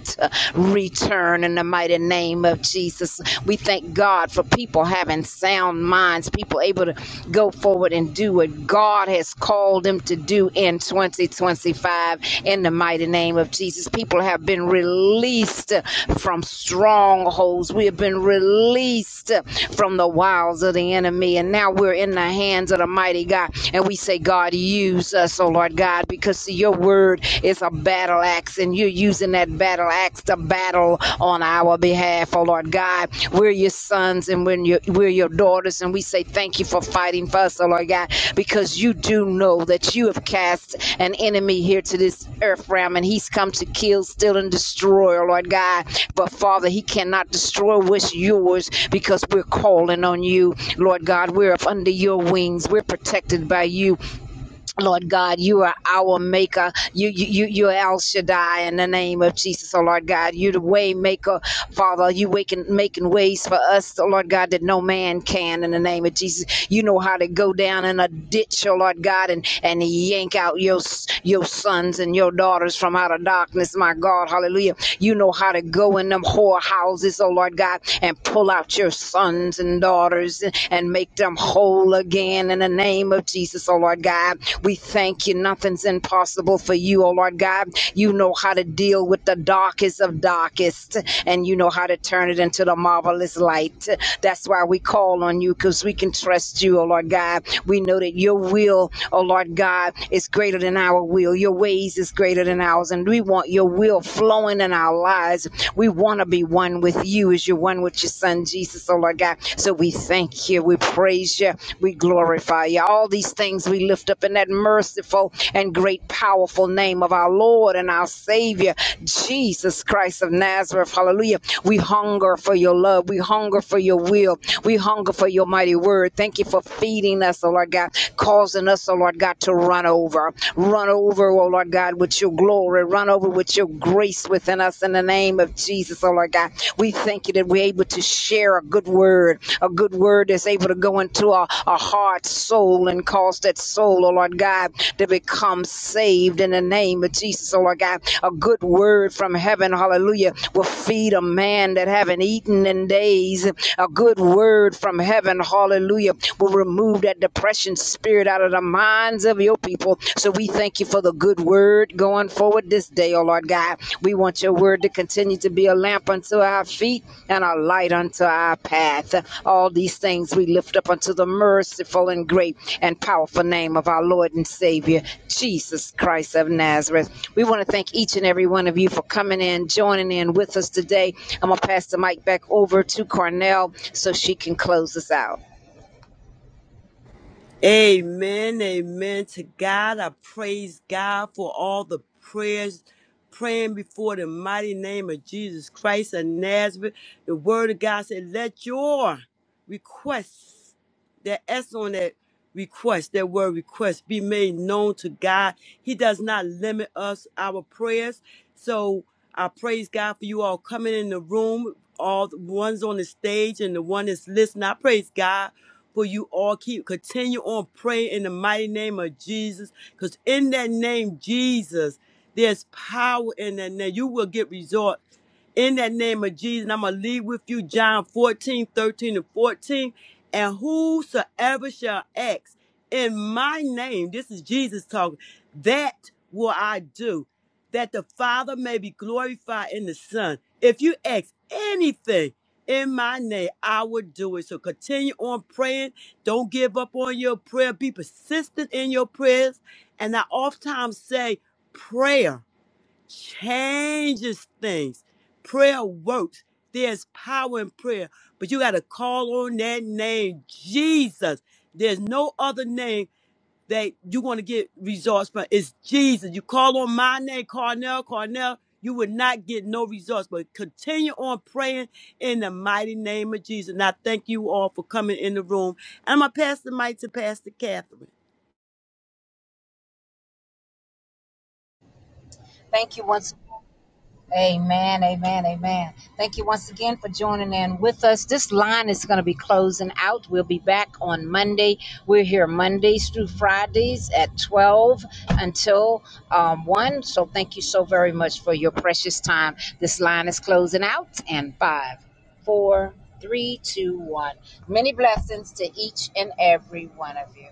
return in the mighty name of Jesus. We thank God for people having sound minds, people able to go forward and do what God has called them to do in 2025 in the mighty name of Jesus. People have been released from strongholds. We have been released from the wiles of the enemy. And now we're in the hands of the mighty God. And we say, God, use us, oh Lord God, because see, your word is a battle axe, and you're using that battle axe to battle on our behalf, oh Lord God. We're your sons and we're your, we're your daughters, and we say thank you for fighting for us, oh Lord God, because you do know that you have cast an enemy here to this earth realm, and he's come to kill, steal, and destroy, oh Lord God. But Father, he cannot destroy what's yours because we're calling on you, Lord God. We're up under your wings, we're protected by you. Lord God, you are our maker. You, you, you, you are El Shaddai in the name of Jesus. Oh Lord God, you're the way maker, Father. You waking, making ways for us, oh Lord God, that no man can in the name of Jesus. You know how to go down in a ditch, oh Lord God, and, and yank out your, your sons and your daughters from out of darkness, my God. Hallelujah. You know how to go in them whorehouses, oh Lord God, and pull out your sons and daughters and and and make them whole again in the name of Jesus, oh Lord God. We thank you. Nothing's impossible for you, oh Lord God. You know how to deal with the darkest of darkest, and you know how to turn it into the marvelous light. That's why we call on you because we can trust you, oh Lord God. We know that your will, oh Lord God, is greater than our will. Your ways is greater than ours, and we want your will flowing in our lives. We want to be one with you with you as you're one with your son Jesus, oh Lord God. So we thank you, we praise you, we glorify you. All these things we lift up in that merciful and great powerful name of our Lord and our Savior, Jesus Christ of Nazareth. Hallelujah. We hunger for your love. We hunger for your will. We hunger for your mighty word. Thank you for feeding us, oh Lord God, causing us, oh Lord God, to run over. Run over, oh Lord God, with your glory. Run over with your grace within us in the name of Jesus, oh Lord God. We thank you that we're able to share a good word, a good word that's able to go into a, a heart, soul, and cause that soul, oh Lord God, to become saved in the name of Jesus, oh Lord God. A good word from heaven, hallelujah, will feed a man that haven't eaten in days. A good word from heaven, hallelujah, will remove that depression spirit out of the minds of your people. So we thank you for the good word going forward this day, oh Lord God. We want your word to continue to be a lamp unto our feet and a light unto our path. All these things we lift up unto the merciful and great and powerful name of our Lord and Savior, Jesus Christ of Nazareth. We want to thank each and every one of you for coming in, joining in with us today. I'm going to pass the mic back over to Cornell so she can close us out.
Amen, amen. To God, I praise God for all the prayers praying before the mighty name of Jesus Christ of Nazareth. The Word of God said, "Let your requests, that S on that request, that word request, be made known to God." He does not limit us our prayers, so I praise God for you all coming in the room, all the ones on the stage and the one that's listening. I praise God for you all. Keep continue on praying in the mighty name of Jesus. Because in that name, Jesus, there's power in that name. You will get results in that name of Jesus. And I'm going to leave with you John 14, 13, and 14. And whosoever shall ask in my name, this is Jesus talking, that will I do, that the Father may be glorified in the Son. If you ask anything, in my name, I will do it. So continue on praying. Don't give up on your prayer. Be persistent in your prayers. And I oftentimes say, prayer changes things. Prayer works. There's power in prayer. But you got to call on that name, Jesus. There's no other name that you're going to get results from is Jesus. You call on my name, Carnell, Carnell, you will not get no results. But continue on praying in the mighty name of Jesus. And I thank you all for coming in the room. And I'm going to pass the mic to Pastor Catherine.
Thank you once again. Amen, amen, amen. Thank you once again for joining in with us. This line is going to be closing out. We'll be back on Monday. We're here Mondays through Fridays at 12 until um, 1. So thank you so very much for your precious time. This line is closing out and five, four, three, two, one. Many blessings to each and every one of you.